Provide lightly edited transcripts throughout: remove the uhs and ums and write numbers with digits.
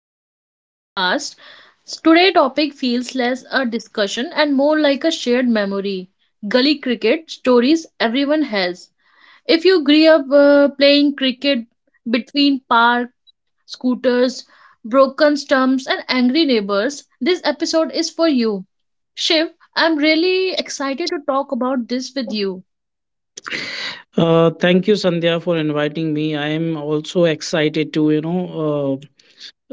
welcome to the podcast. So, today topic feels less a discussion and more like a shared memory. Gully cricket stories everyone has. If you grew up playing cricket between park scooters, broken stumps and angry neighbors, this episode is for you. Shiv, I'm really excited to talk about this with you. Thank you, Sandhya, for inviting me. I am also excited to, you know, uh,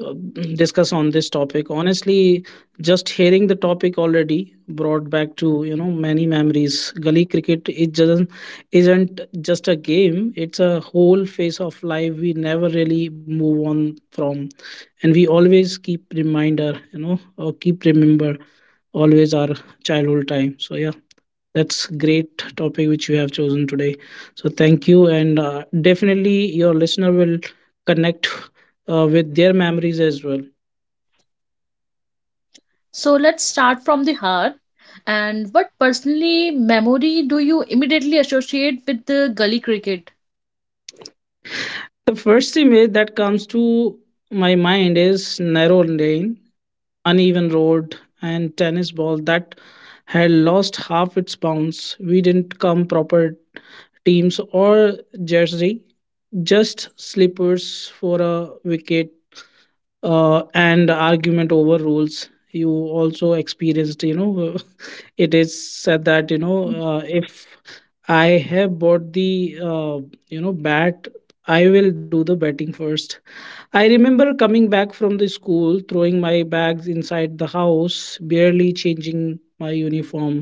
uh, discuss on this topic. Honestly, just hearing the topic already brought back to, you know, many memories. Gully cricket it just isn't just a game; it's a whole phase of life we never really move on from, and we always keep reminder, you know, or keep remember always our childhood time. So yeah. That's great topic which you have chosen today. So thank you, and definitely your listener will connect with their memories as well. So let's start from the heart. And what personally memory do you immediately associate with the gully cricket? The first image that comes to my mind is narrow lane, uneven road, and tennis ball that had lost half its bounce. We didn't come proper teams or jersey, just slippers for a wicket and argument over rules you also experienced you know. It is said that you know if I have bought the you know bat, I will do the batting first. I remember coming back from the school, throwing my bags inside the house, barely changing my uniform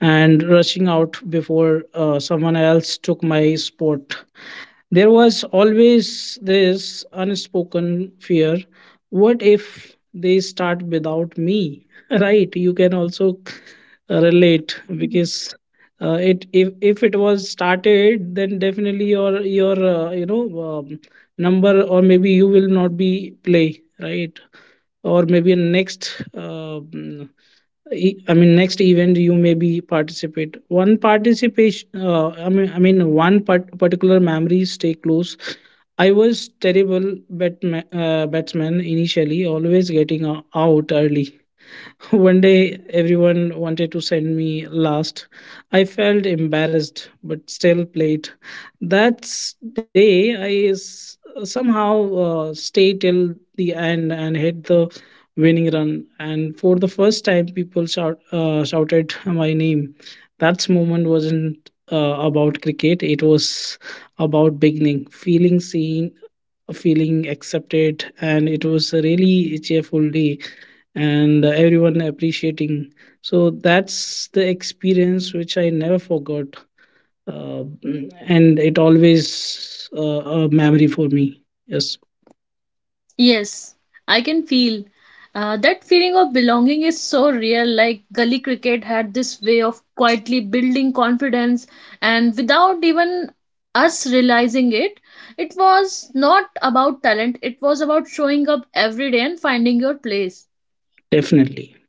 and rushing out before someone else took my spot. There was always this unspoken fear, what if they start without me? Right? You can also relate Mhm. because. It if it was started then definitely your you know um, number, or maybe you will not be play, right? Or maybe next I mean, next event you may be participate. One participation, I mean, one particular memory stay close. I was terrible batsman initially, always getting out early. One day, everyone wanted to send me last. I felt embarrassed, but still played. That s- day, I s- Somehow stayed till the end and hit the winning run. And for the first time, people shouted my name. That moment wasn't about cricket, it was about beginning, feeling seen, feeling accepted, and it was a really cheerful day and everyone appreciating. So that's the experience which I never forgot, uh, and it always a memory for me. Yes, Yes, I can feel. That feeling of belonging is so real. Like gully cricket had this way of quietly building confidence, and without even us realizing it, it was not about talent, it was about showing up every day and finding your place. definitely.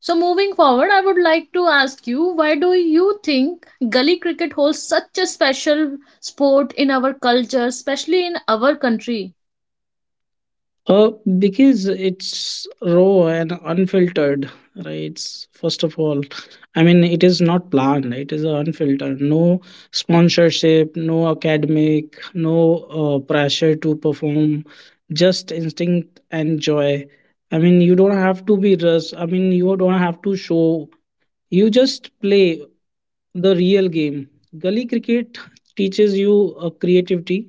So, moving forward, I would like to ask you why do you think gully cricket holds such a special sport in our culture, especially in our country? Uh, because it's raw and unfiltered, right? First of all, I mean, it is not planned, it is unfiltered. No sponsorship, no academic, no pressure to perform, just instinct and joy. I mean, you don't have to be rushed, I mean, you don't have to show, you just play the real game. Gully cricket teaches you creativity.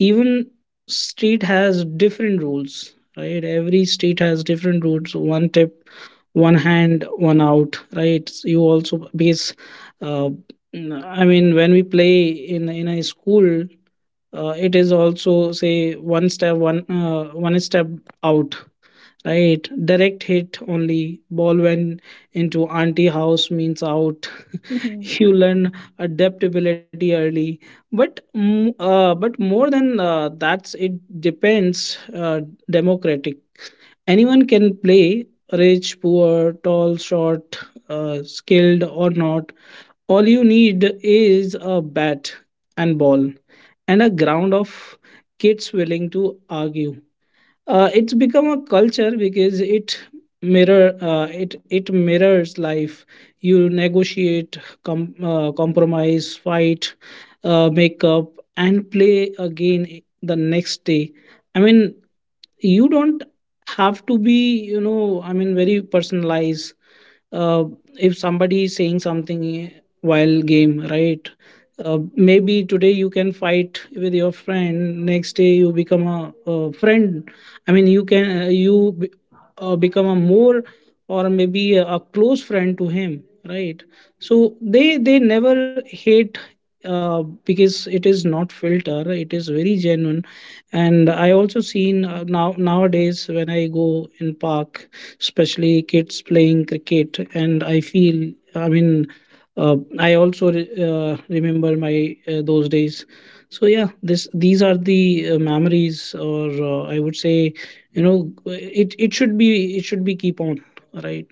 Even state has different rules, right? Every state has different rules. One tip, one hand, one out, right? You also base, uh, I mean, when we play in a school, it is also say one step, one step out, right? Direct hit, only ball went into auntie house means out. Mhm. You learn adaptability early, but but more than that, it depends democratic, anyone can play, rich poor tall short, skilled or not. All you need is a bat and ball and a ground of kids willing to argue. It's become a culture because it mirror it it mirrors life. You negotiate, compromise, fight, make up and play again the next day. I mean, you don't have to be, you know, I mean, very personalized. uh, if somebody is saying something while game, right? Maybe today you can fight with your friend, next day you become a friend. I mean, you can you become a more, or maybe a close friend to him, right? So they never hate because it is not filter, it is very genuine. And I also seen now nowadays when I go in park, especially kids playing cricket, and I feel, I mean, I also remember my those days. So yeah, this these are the memories, or I would say, you know, it should be, it should be keep on, right?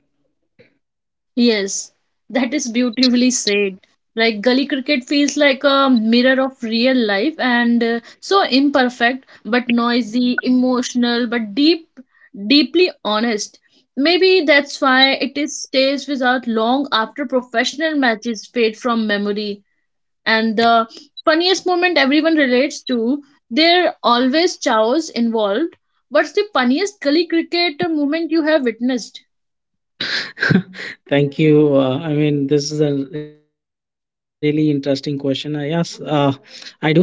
Yes, that is beautifully said. Like gully cricket feels like a mirror of real life and so imperfect but noisy, emotional but deep deeply honest. Maybe that's why it is stays without long after professional matches fade from memory. And the funniest moment everyone relates to, there are always chows involved. What's the funniest gully cricket moment you have witnessed? Thank you, I mean, this is a really interesting question. Yes, I do have an example. Oh,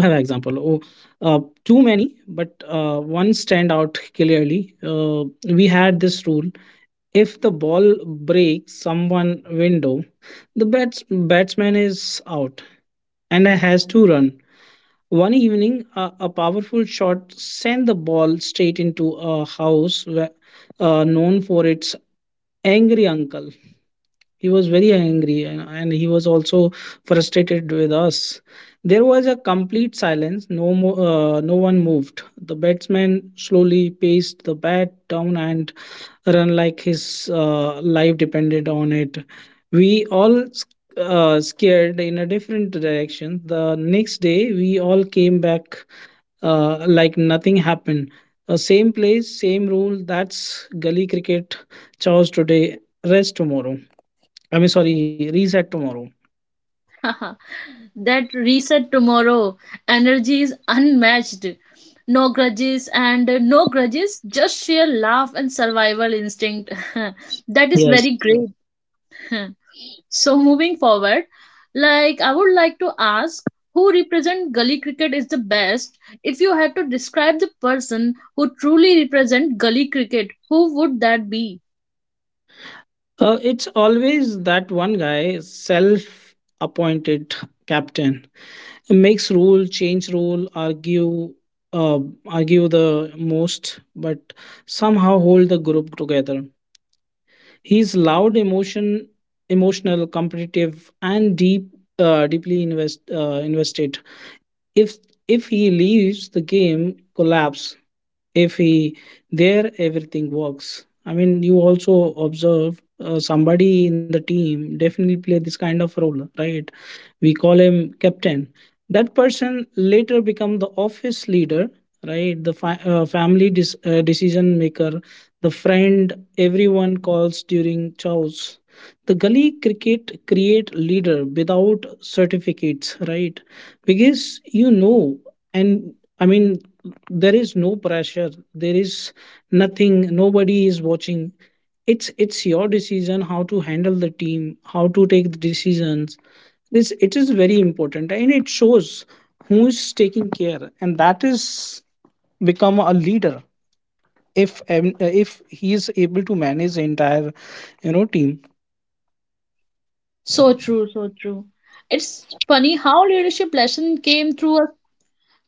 uh, too many, but one stand out clearly. We had this rule. If the ball breaks someone window, the batsman is out and has to run. One evening, a powerful shot sent the ball straight into a house known for its angry uncle. He was very angry, and he was also frustrated with us. There was a complete silence, no one moved. The batsman slowly paced the bat down and run like his life depended on it. We all scared in a different direction. The next day we all came back like nothing happened, same place, same rule. That's gully cricket: chows today, rest tomorrow. I mean, sorry, reset tomorrow. That reset tomorrow energy is unmatched. No grudges and no grudges, just sheer laugh and survival instinct. That is Yes. very great. So moving forward, I would like to ask who represent gully cricket is the best. If you had to describe the person who truly represent gully cricket, who would that be? It's always that one guy, self appointed captain, makes rule, change rule, argue, uh, argue the most, but somehow hold the group together. He's loud, emotional, competitive, and deeply invested. If if he leaves, the game collapse. If he there, everything works. I mean, you also observe somebody in the team definitely play this kind of role, right? We call him captain. That person later become the office leader, right? The family decision maker, the friend everyone calls during chows. The gully cricket create leader without certificates, right? Because, you know, and, I mean, there is no pressure, there is nothing, nobody is watching. It's your decision how to handle the team, how to take the decisions. This, it is very important, and it shows who is taking care, and that is become a leader if he is able to manage the entire, you know, team. So true, so true. It's funny how leadership lesson came through a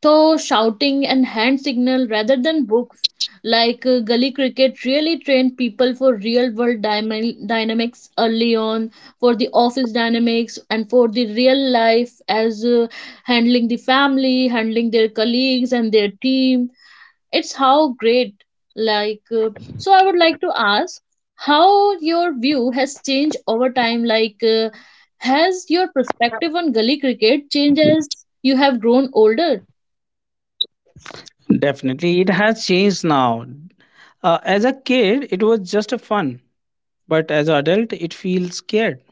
so shouting and hand signal rather than books. Gully cricket really trained people for real world dynamics early on, for the office dynamics and for the real life as handling the family, handling their colleagues and their team. It's how great. Like uh, so I would like to ask how your view has changed over time. Has your perspective on gully cricket changed as you have grown older? Definitely it has changed now. As a kid, it was just a fun, but as an adult it feels scared.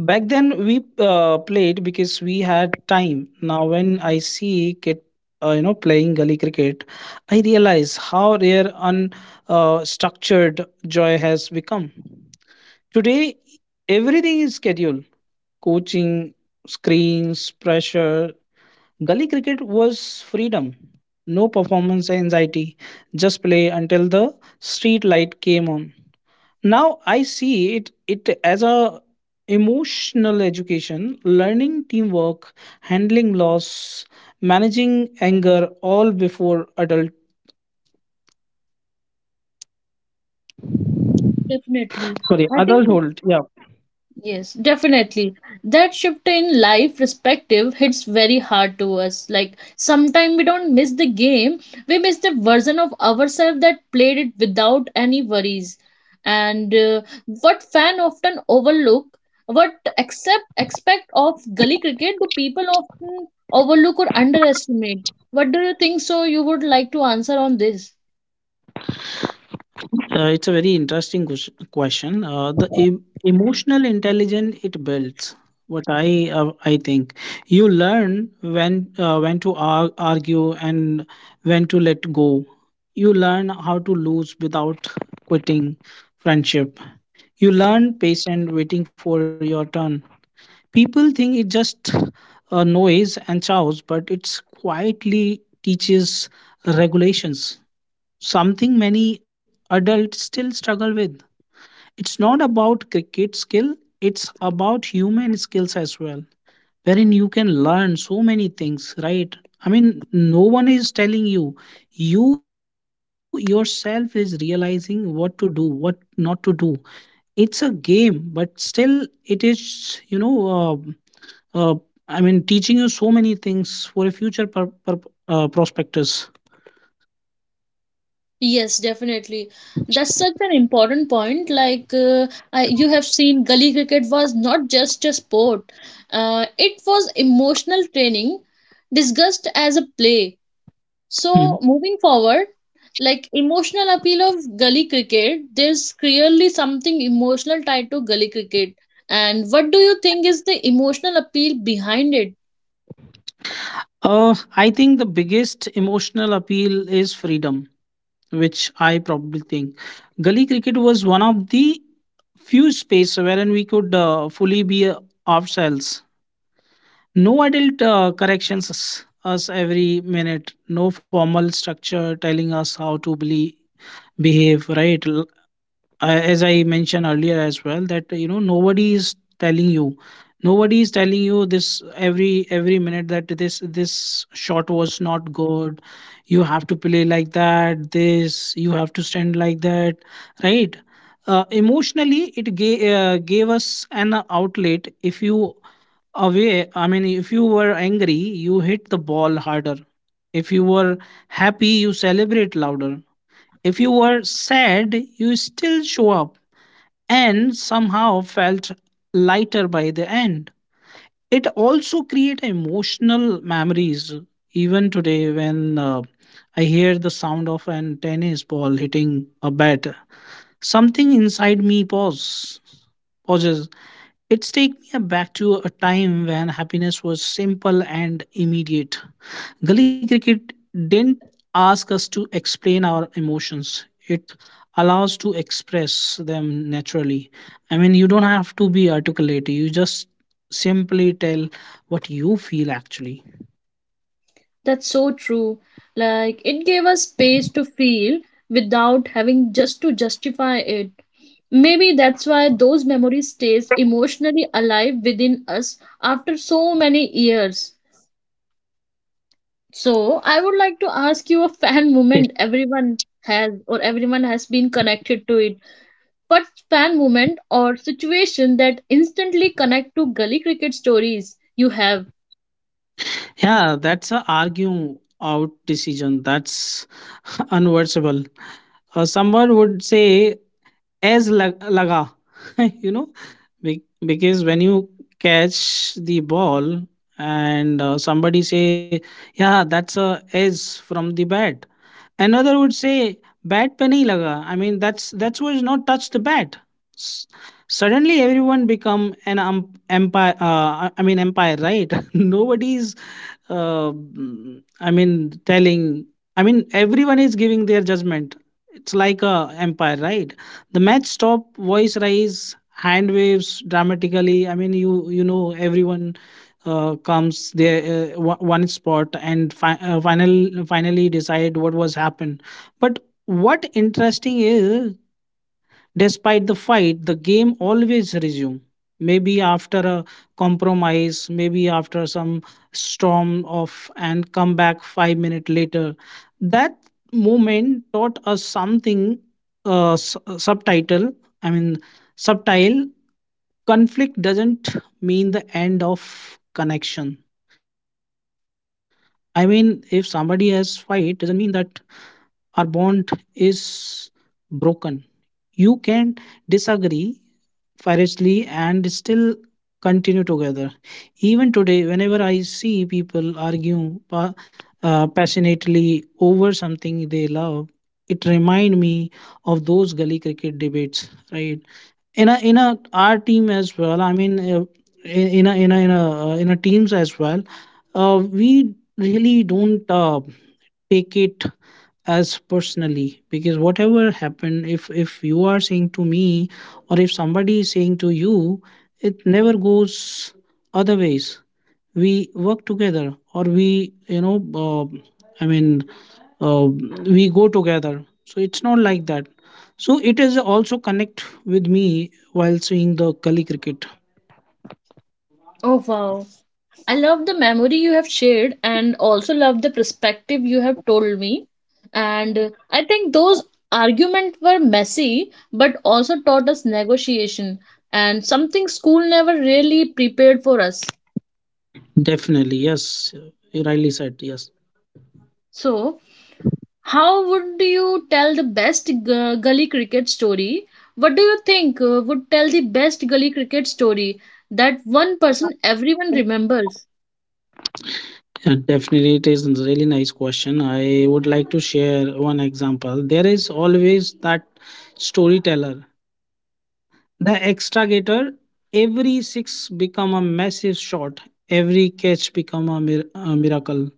Back then, we played because we had time. Now, when I see kid, you know, playing gully cricket, I realize how rare unstructured, structured joy has become. Today, everything is scheduled: coaching, screens, pressure. Gully cricket was freedom. No performance anxiety. Just play until the street light came on. Now I see it it as a emotional education, learning teamwork, handling loss, managing anger, all before adult, Definitely. sorry, I think, adulthood. Yeah, yes, definitely. That shift in life perspective hits very hard to us. Like, sometimes we don't miss the game, we miss the version of ourselves that played it without any worries. And what fan often overlook, what accept aspect of gully cricket do people often overlook or underestimate? What do you think? So, you would like to answer on this? It's a very interesting question. The emotional intelligence it builds, what I think, you learn when, when to argue and when to let go. You learn how to lose without quitting friendship. You learn patience waiting for your turn. People think it's just a noise and chows, but it's quietly teaches regulations, something many adults still struggle with. It's not about cricket skill, it's about human skills as well, wherein you can learn so many things, right? I mean, no one is telling you. You yourself is realizing what to do, what not to do. It's a game, but still it is, you know, uh, uh, I mean, teaching you so many things for a future prospectus. Yes, definitely. That's such an important point. I, you have seen, gully cricket was not just a sport; it was emotional training, discussed as a play. Hmm. So moving forward, like emotional appeal of gully cricket, there's clearly something emotional tied to gully cricket. And what do you think is the emotional appeal behind it? I think the biggest emotional appeal is freedom, which I probably think gully cricket was one of the few space wherein we could fully be ourselves. No adult corrections us every minute. No formal structure telling us how to believe behave, right? As I mentioned earlier as well, that you know, nobody is telling you, nobody is telling you this every minute, that this shot was not good, you have to play like that, this you have to stand like that, right? Emotionally, it gave us an outlet. If you away, I mean, if you were angry, you hit the ball harder. If you were happy, you celebrate louder. If you were sad, you still show up and somehow felt lighter by the end. It also create emotional memories. Even today, when I hear the sound of an tennis ball hitting a bat, something inside me pauses. It takes me back to a time when happiness was simple and immediate. Gully cricket didn't ask us to explain our emotions. It allows to express them naturally. I mean, you don't have to be articulate. You just simply tell what you feel actually. That's so true. Like, it gave us space to feel without having just to justify it. Maybe that's why those memories stays emotionally alive within us after so many years. So, I would like to ask you a fan Yes. moment everyone has or everyone has been connected to it. What fan moment or situation that instantly connect to gully cricket stories you have? Yeah, that's a argue out decision. That's unworkable. Someone would say as laga. You know, because when you catch the ball and somebody say, yeah, that's a edge from the bat. Another would say, bat pe nahi laga, I mean, that's was not touched the bat. S- Suddenly everyone become an empire, I mean empire, right? Nobody's I mean telling, I mean, everyone is giving their judgment. It's like a empire, right? The match stop, voice rise, hand waves dramatically. I mean, you know everyone comes there one one spot and finally decide what was happened. But what interesting is, despite the fight, the game always resume. Maybe after a compromise, maybe after some storm off and come back 5 minutes later. That moment taught us something subtitle. I mean, Subtile conflict doesn't mean the end of connection. I mean, if somebody has fight, doesn't mean that our bond is broken. You can disagree fiercely and still continue together. Even today, whenever I see people argue passionately over something they love, it remind me of those gully cricket debates, right? In a our team as well, I mean in a in a in a, in a teams as well, we really don't take it as personally, because whatever happened, if you are saying to me or if somebody is saying to you, it never goes other ways. We work together, or we, you know uh, i mean uh, we go together. So it's not like that. So it is also connect with me while seeing the gully cricket. Oh wow. I love the memory you have shared and also love the perspective you have told me. And I think those arguments were messy but also taught us negotiation and something school never really prepared for us. Definitely, yes, you rightly said. Yes, So, how would you tell the best gully cricket story? What do you think would tell the best gully cricket story, that one person everyone remembers? yeah, definitely it is a really nice question. I would like to share one example. There is always that storyteller, the extragator. Every six become a massive shot. Every catch become a, a miracle,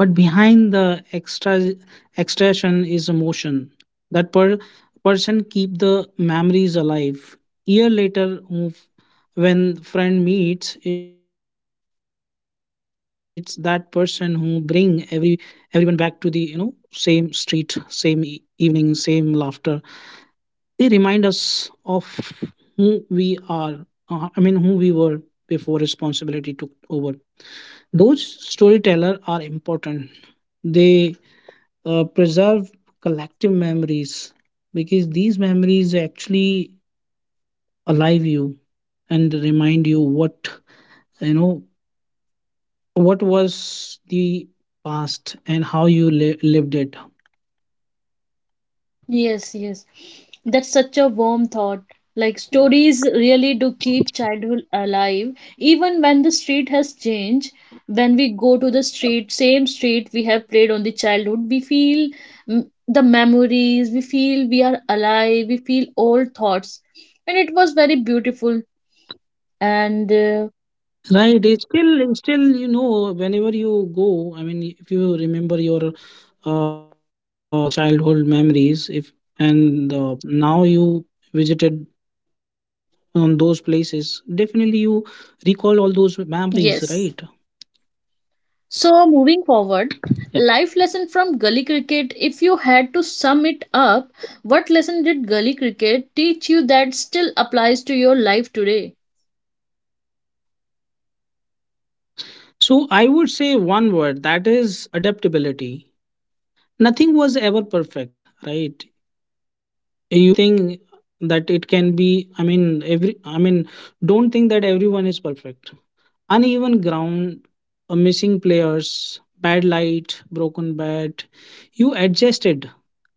but behind the extraction is emotion. That person keep the memories alive year later. When friend meets, it's that person who bring everyone back to the, you know, same street, same evening, same laughter. They remind us of who we are, I mean who we were before responsibility took over. Those storyteller are important. They preserve collective memories, because these memories actually alive you and remind you what, you know, what was the past and how you lived it, Yes, yes. That's such a warm thought. Like stories really do keep childhood alive, even when the street has changed. When we go to the street, same street we have played on the childhood, we feel mm, the memories, we feel we are alive, we feel old thoughts. And it was very beautiful. And right? It's still, it's still, you know, whenever you go, I mean, if you remember your childhood memories, if, and now you visited on those places, definitely you recall all those yes. memories, right? So, moving forward, life lesson from gully cricket. If you had to sum it up, what lesson did gully cricket teach you that still applies to your life today? So I would say one word, that is adaptability. Nothing was ever perfect, right? You don't think that it can be, I mean, don't think that everyone is perfect. Uneven ground, missing players, bad light, broken bat. You adjusted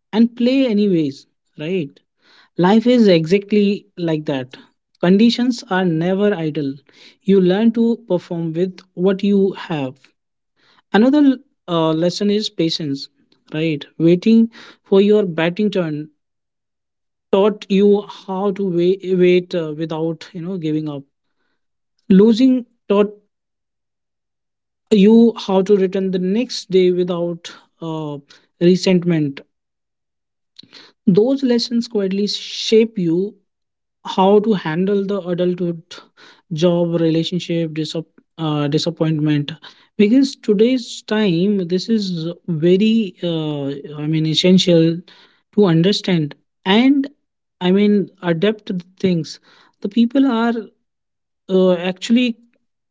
and play anyways, right? Life is exactly like that. Conditions are never idle. You learn to perform with what you have. Another lesson is patience, right? Waiting for your batting turn taught you how to wait without, you know, giving up. Losing taught you how to return the next day without uh, resentment. Those lessons quietly shape you how to handle the adulthood, job, relationship, disappointment. Because today's time, this is very, I mean, essential to understand and, I mean, adapt to things. The people are, actually,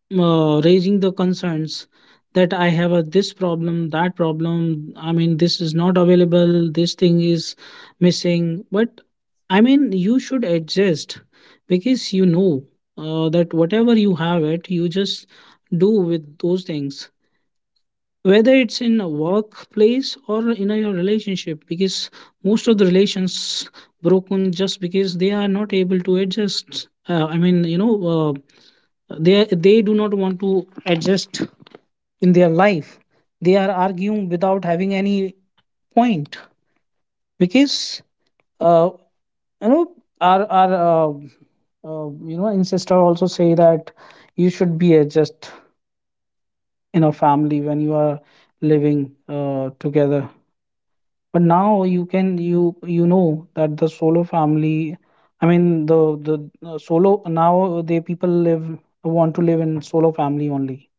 raising the concerns that I have a this problem, that problem. I mean, this is not available, this thing is missing. But I mean, you should adjust, because you know that whatever you have it, you just do with those things. Whether it's in a workplace or in a, your relationship. Because most of the relations broken just because they are not able to adjust. I mean, you know, they do not want to adjust in their life. They are arguing without having any point, because, uh, you know, our ancestor also say that you should be just in a family when you are living together. But now you can, you know that the solo family, I mean, the solo, now they people live, want to live in solo family only.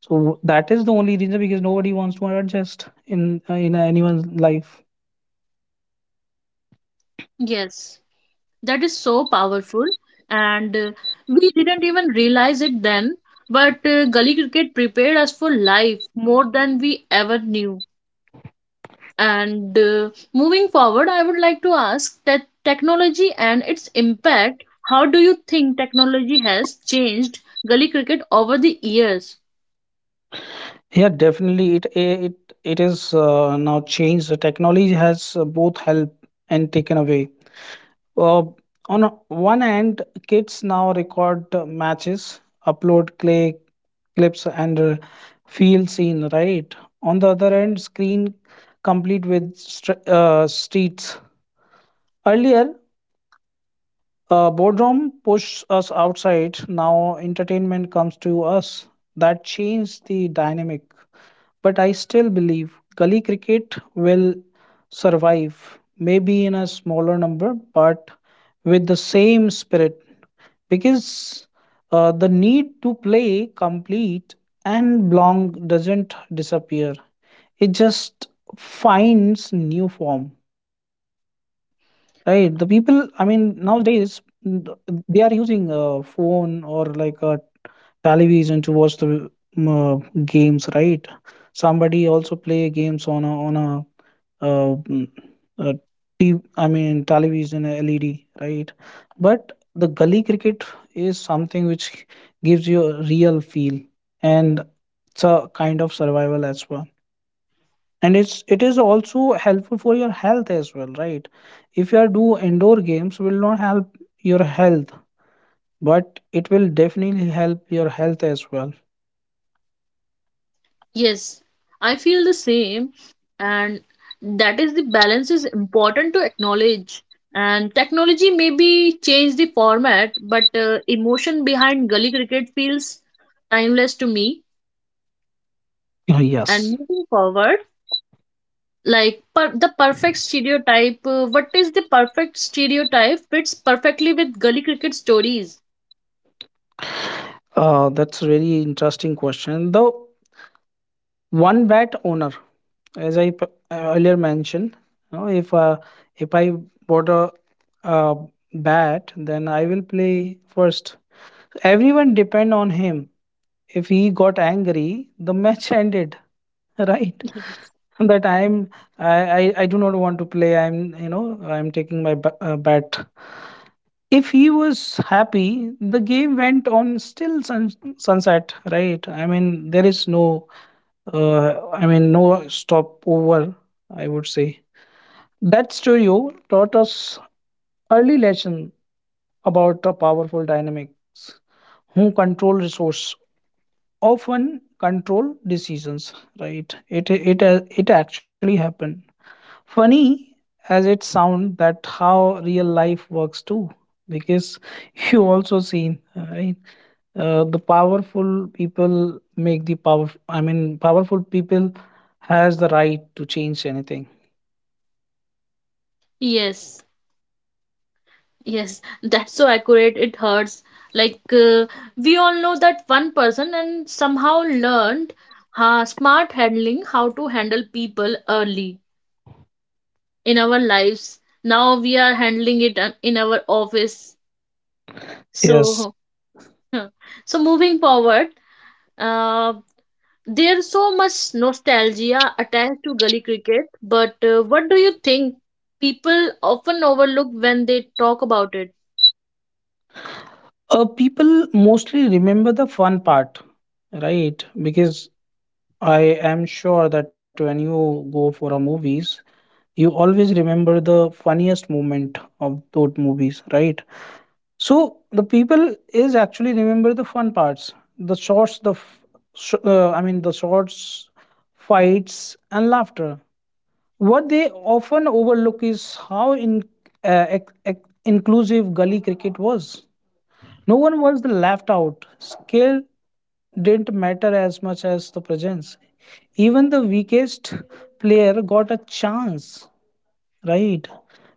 So that is the only reason, because nobody wants to adjust in anyone's life. Yes, that is so powerful, and we didn't even realize it then. But gully cricket prepared us for life more than we ever knew. And Moving forward, I would like to ask that technology and its impact. How do you think technology has changed gully cricket over the years? Yeah, definitely. It it is, now changed. The technology has both helped and taken away. Uh, on one hand, kids now record matches, upload clay clips, and feel seen. Right. On the other hand, screen complete with streets. Earlier, boredom pushed us outside. Now, entertainment comes to us. That changed the dynamic. But I still believe gully cricket will survive, maybe in a smaller number, but with the same spirit. Because the need to play complete and belong doesn't disappear, it just finds new form. Right, the people, I mean, nowadays, mm, they are using a phone or like a television to watch the, games, right? Somebody also play games on a, uh, mm, uh I mean, television, LED, right? But the gully cricket is something which gives you a real feel, and it's a kind of survival as well. And it is also helpful for your health as well, right? If you are do indoor games, will not help your health, but it will definitely help your health as well. Yes, I feel the same, and that is the balance is important to acknowledge. And technology maybe change the format, but emotion behind gully cricket feels timeless to me. And Yes, moving forward, the perfect stereotype, what is the perfect stereotype fits perfectly with gully cricket stories? That's really interesting question. The one bat owner, as I earlier mentioned, you know, if I bought a, uh bat, then I will play first. Everyone depend on him. If he got angry, the match ended. Right, Yes. that I'm, I do not want to play. I'm, you know, I'm taking my bat, if he was happy, the game went on still sunset, right? I mean, there is no, I mean, no stopover. I would say that studio taught us early lesson about a powerful dynamics. Who control resource often control decisions, right? It actually happened. Funny as it sound, that how real life works too, because you also seen, right? The powerful people make the power, I mean, powerful people has the right to change anything. Yes, yes, that's so accurate it hurts. like uh, we all know that one person and somehow learned smart handling, how to handle people early in our lives. Now we are handling it in our office, Yes. so. So moving forward, uh, there's so much nostalgia attached to gully cricket, but what do you think people often overlook when they talk about it? People mostly remember the fun part, right? Because I am sure that when you go for a movies, you always remember the funniest moment of those movies, right? So the people is actually remember the fun parts, the shorts, I mean, the shorts, fights, and laughter. What they often overlook is how inclusive gully cricket was. No one was left out. Skill didn't matter as much as the presence. Even the weakest player got a chance, right?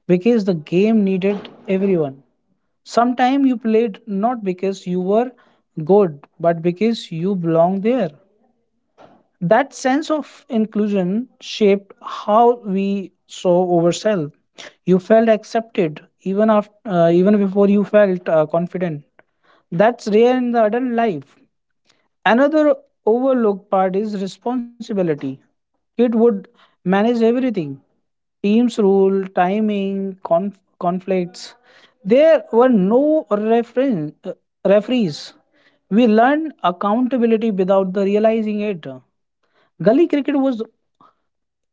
Because the game needed everyone. Sometimes you played not because you were good, but because you belong there. That sense of inclusion shaped how we saw ourselves. You felt accepted even after, even before you felt confident. That's rare in the adult life. Another overlooked part is responsibility. Kid would manage everything, teams rule, timing, conflicts. There were no referees. We learned accountability without the realizing it. Gully cricket was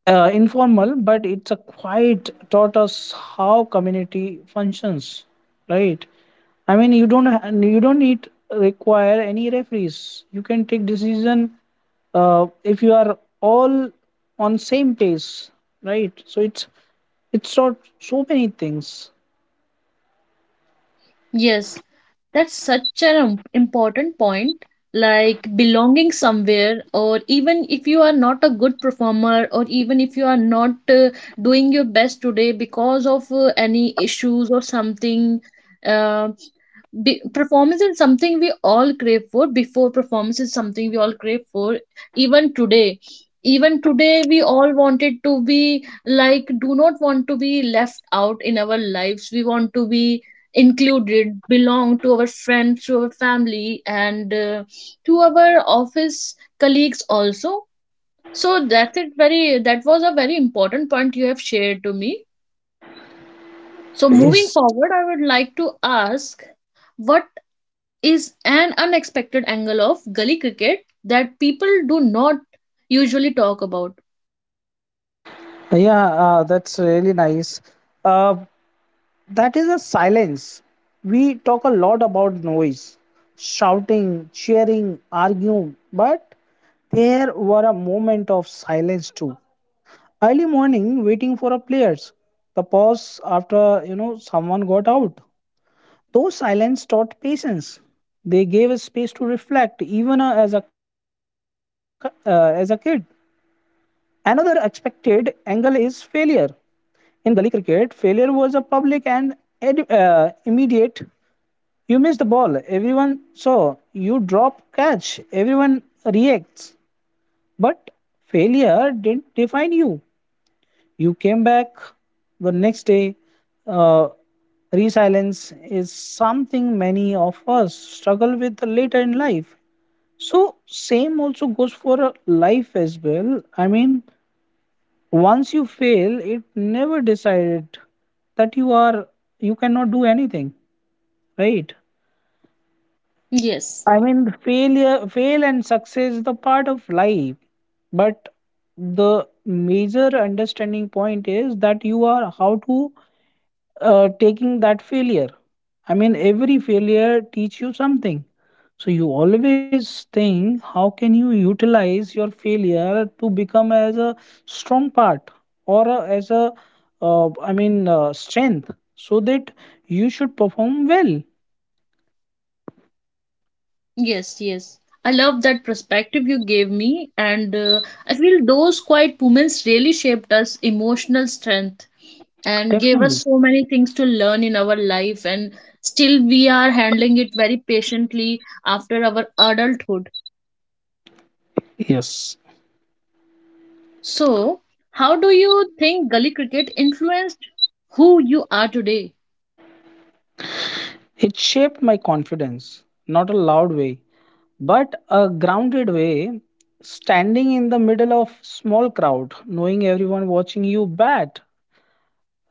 informal, but it's a quite taught us how community functions, right? I mean, you don't you don't need require any referees. You can take decision if you are all on same pace, right? So it's taught so many things. Yes, that's such an important point. Belonging somewhere, or even if you are not a good performer, or even if you are not doing your best today because of any issues or something. Uh, Performance is something we all crave for. Before performance is something we all crave for. Even today, even today, we all wanted to be like, do not want to be left out in our lives. We want to be included, belong to our friends, to our family, and to our office colleagues also. So that's it, very, that was a very important point you have shared to me. So moving Yes. forward, I would like to ask what is an unexpected angle of gully cricket that people do not usually talk about. Yeah, that's really nice. Uh, That is a silence. We talk a lot about noise, shouting, cheering, arguing, but there were a moment of silence too. Early morning, waiting for a players. The pause after, you know, someone got out. Those silence taught patience. They gave us space to reflect, even as a kid. Another expected angle is failure. In gully cricket, failure was a public and immediate. You miss the ball, everyone saw. You drop catch, everyone reacts. But failure didn't define you. You came back the next day. Uh, Resilience is something many of us struggle with later in life. So same also goes for life as well. I mean, once you fail, it never decided that you cannot do anything, right? Yes, I mean, failure, fail and success is the part of life, but the major understanding point is that you are how to taking that failure. I mean, every failure teach you something. So you always think, how can you utilize your failure to become as a strong part or a, as a, strength, so that you should perform well. yes, yes, I love that perspective you gave me, and I feel those quiet moments really shaped us emotional strength and gave Definitely. us so many things to learn in our life. And still we are handling it very patiently after our adulthood. Yes. So how do you think gully cricket influenced who you are today? It shaped my confidence, not a loud way, but a grounded way, standing in the middle of small crowd, knowing everyone watching you bat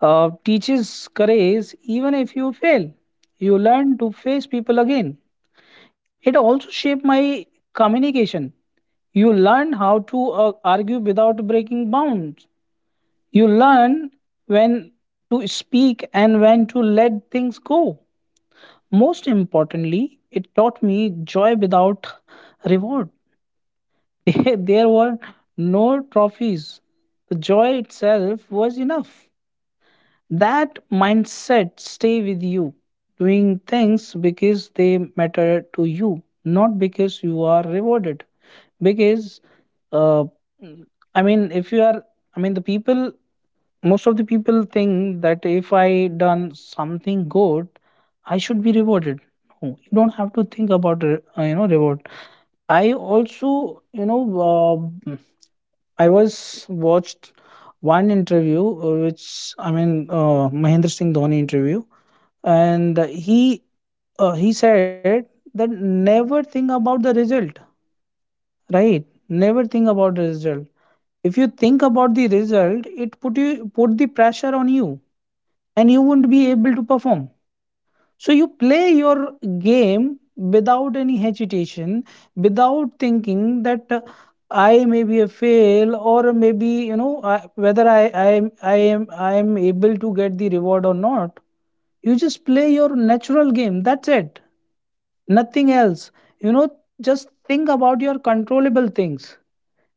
teaches courage even if you fail. You learn to face people again. It also shaped my communication. You learn how to argue without breaking bounds. You learn when to speak and when to let things go. Most importantly, it taught me joy without reward. There were no trophies. The joy itself was enough. That mindset stay with you, doing things because they matter to you, not because you are rewarded, because uh, I mean if you are I mean the people, most of the people think that if I done something good, I should be rewarded. No, you don't have to think about reward. I also I was watched one interview, which Mahendra Singh Dhoni interview, and he said that never think about the result, right? Never think about the result. If you think about the result, it put you put the pressure on you, and you won't be able to perform. So you play your game without any hesitation, without thinking that I may be a fail or maybe I, whether I am I am I am able to get the reward or not. You just play your natural game. That's it. Nothing else. You know, just think about your controllable things.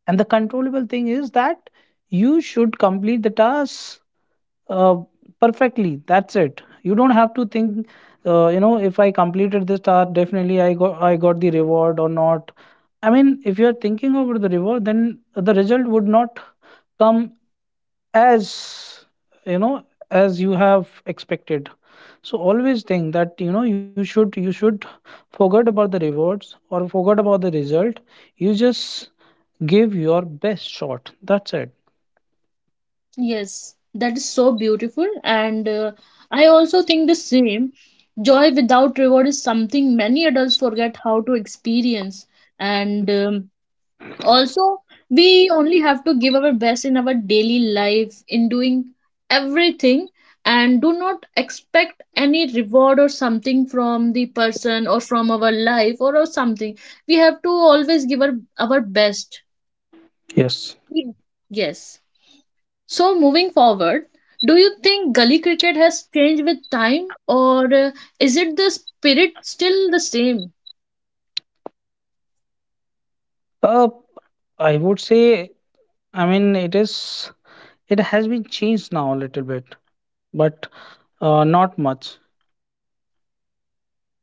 And the controllable thing is that you should complete the task uh, perfectly. That's it. You don't have to think. If I completed this task, definitely I got the reward or not. I mean, if you are thinking about the reward, then the result would not come as you know as you have expected. So always think that you know you should forget about the rewards or forget about the result. You just give your best shot. That's it. Yes, that is so beautiful and I also think the same. Joy without reward is something many adults forget how to experience. And Also, we only have to give our best in our daily life in doing everything and do not expect any reward or something from the person or from our life or something. We have to always give our best. Yes. We- yes. So moving forward, do you think gully cricket has changed with time or is it the spirit still the same? Uh, I would say, I mean, it has been changed now a little bit, but not much.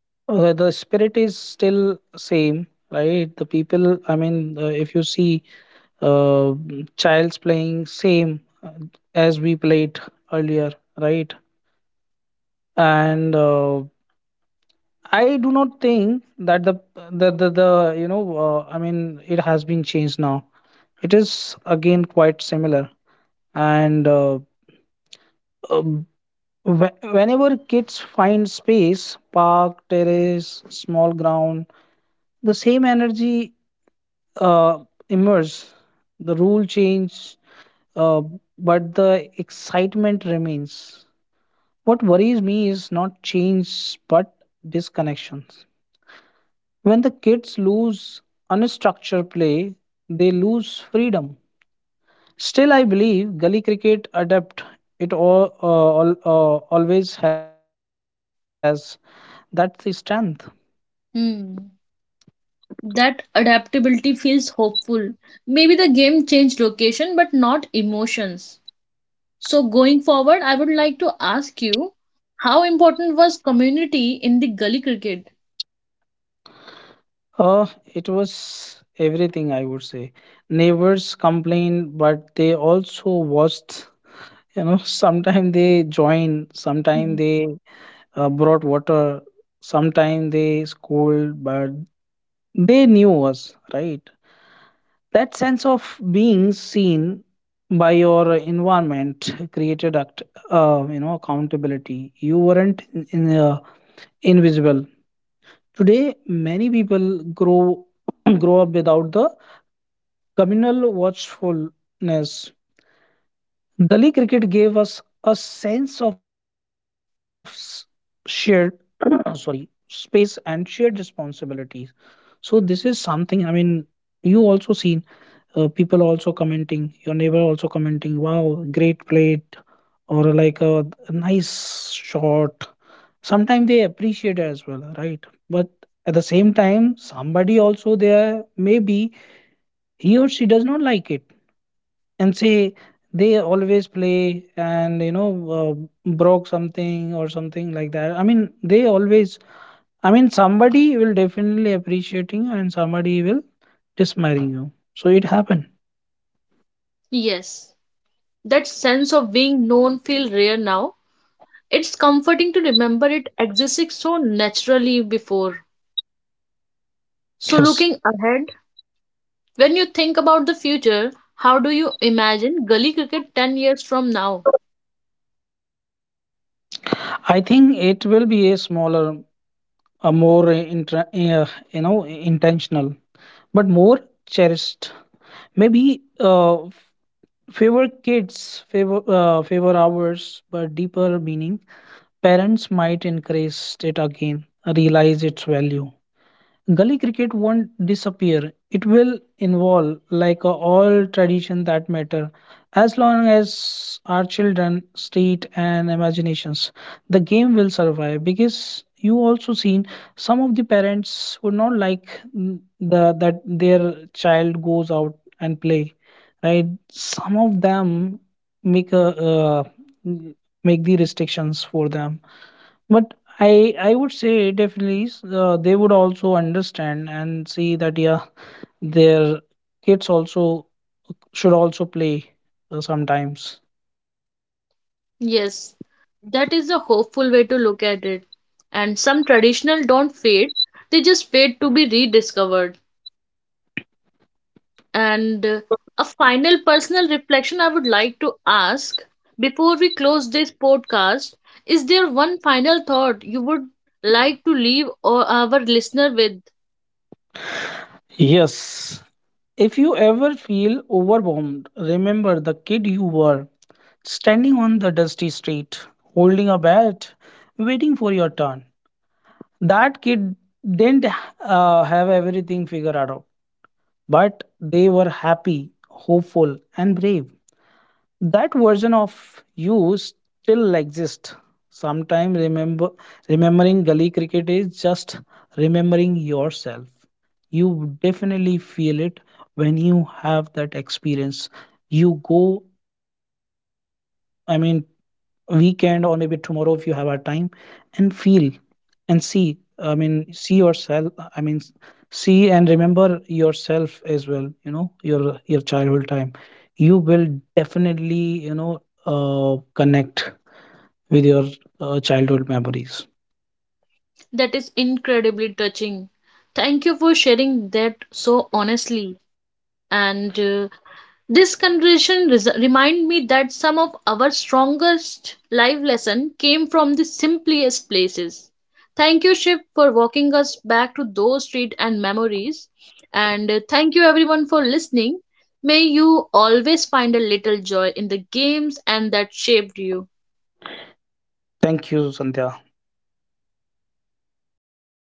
The spirit is still same, right? The people, if you see, uh, childs playing same, as we played earlier, right? And I do not think that the you know uh, i mean it has been changed now. It is again quite similar. And um, Whenever kids find space, park, terrace, small ground, the same energy uh, emerges. The rule change, uh, but the excitement remains. What worries me is not change, but disconnections. When the kids lose unstructured play, they lose freedom. Still, I believe gully cricket adept. It always has. That's the strength. Hmm. That adaptability feels hopeful. Maybe the game changed location but not emotions. So, going forward, I would like to ask you, how important was community in the gully cricket? It was everything, I would say. Neighbors complained, but they also watched. You know, sometimes they joined, sometimes Hmm. they brought water, sometimes they scolded, but they knew us, right? That sense of being seen by your environment created accountability. You weren't invisible. Today, many people grow grow up without the communal watchfulness. Gully cricket gave us a sense of shared, sorry, space and shared responsibilities. So this is something. I mean, you also seen people also commenting, your neighbor also commenting, "Wow, great plate," or like a nice shot. Sometimes they appreciate as well, right? But at the same time, somebody also there, maybe he or she does not like it and say they always play, and you know uh, broke something or something like that. I mean, somebody will definitely appreciating and somebody will dismiring you. So it happened. Yes, that sense of being known feel rare now. It's comforting to remember it existed so naturally before. So Yes, looking ahead, when you think about the future, how do you imagine gully cricket 10 years from now? I think it will be a smaller, a more you know intentional, but more cherished, maybe uh, favor kids, favor hours, but deeper meaning. Parents might increase it again, realize its value. Gully cricket won't disappear. It will involve like all tradition that matter. As long as our children, street and imaginations, the game will survive. Because you also seen some of the parents would not like the that their child goes out and play, right? Some of them make a uh, make the restrictions for them, but I would say definitely they would also understand and see that yeah, their kids also should also play, sometimes. Yes, that is a hopeful way to look at it. And some traditional don't fade, they just fade to be rediscovered. And a final personal reflection I would like to ask before we close this podcast, is there one final thought you would like to leave or our listener with? Yes. If you ever feel overwhelmed, remember the kid you were, standing on the dusty street, holding a bat, waiting for your turn. That kid didn't have everything figured out, but they were happy, hopeful, and brave. That version of you still exists. Sometimes remembering gully cricket is just remembering yourself. You definitely feel it when you have that experience. You go, I mean, weekend or maybe tomorrow if you have a time and feel and see, I mean, see yourself I mean s- see and remember yourself as well, you know, your childhood time. You will definitely, you know, uh, connect with your childhood memories. That is incredibly touching? Thank you for sharing that so honestly. And This conversation remind me that some of our strongest life lesson came from the simplest places. Thank you, Shiv, for walking us back to those street and memories. And thank you everyone for listening. May you always find a little joy in the games and that shaped you. Thank you, Sandhya.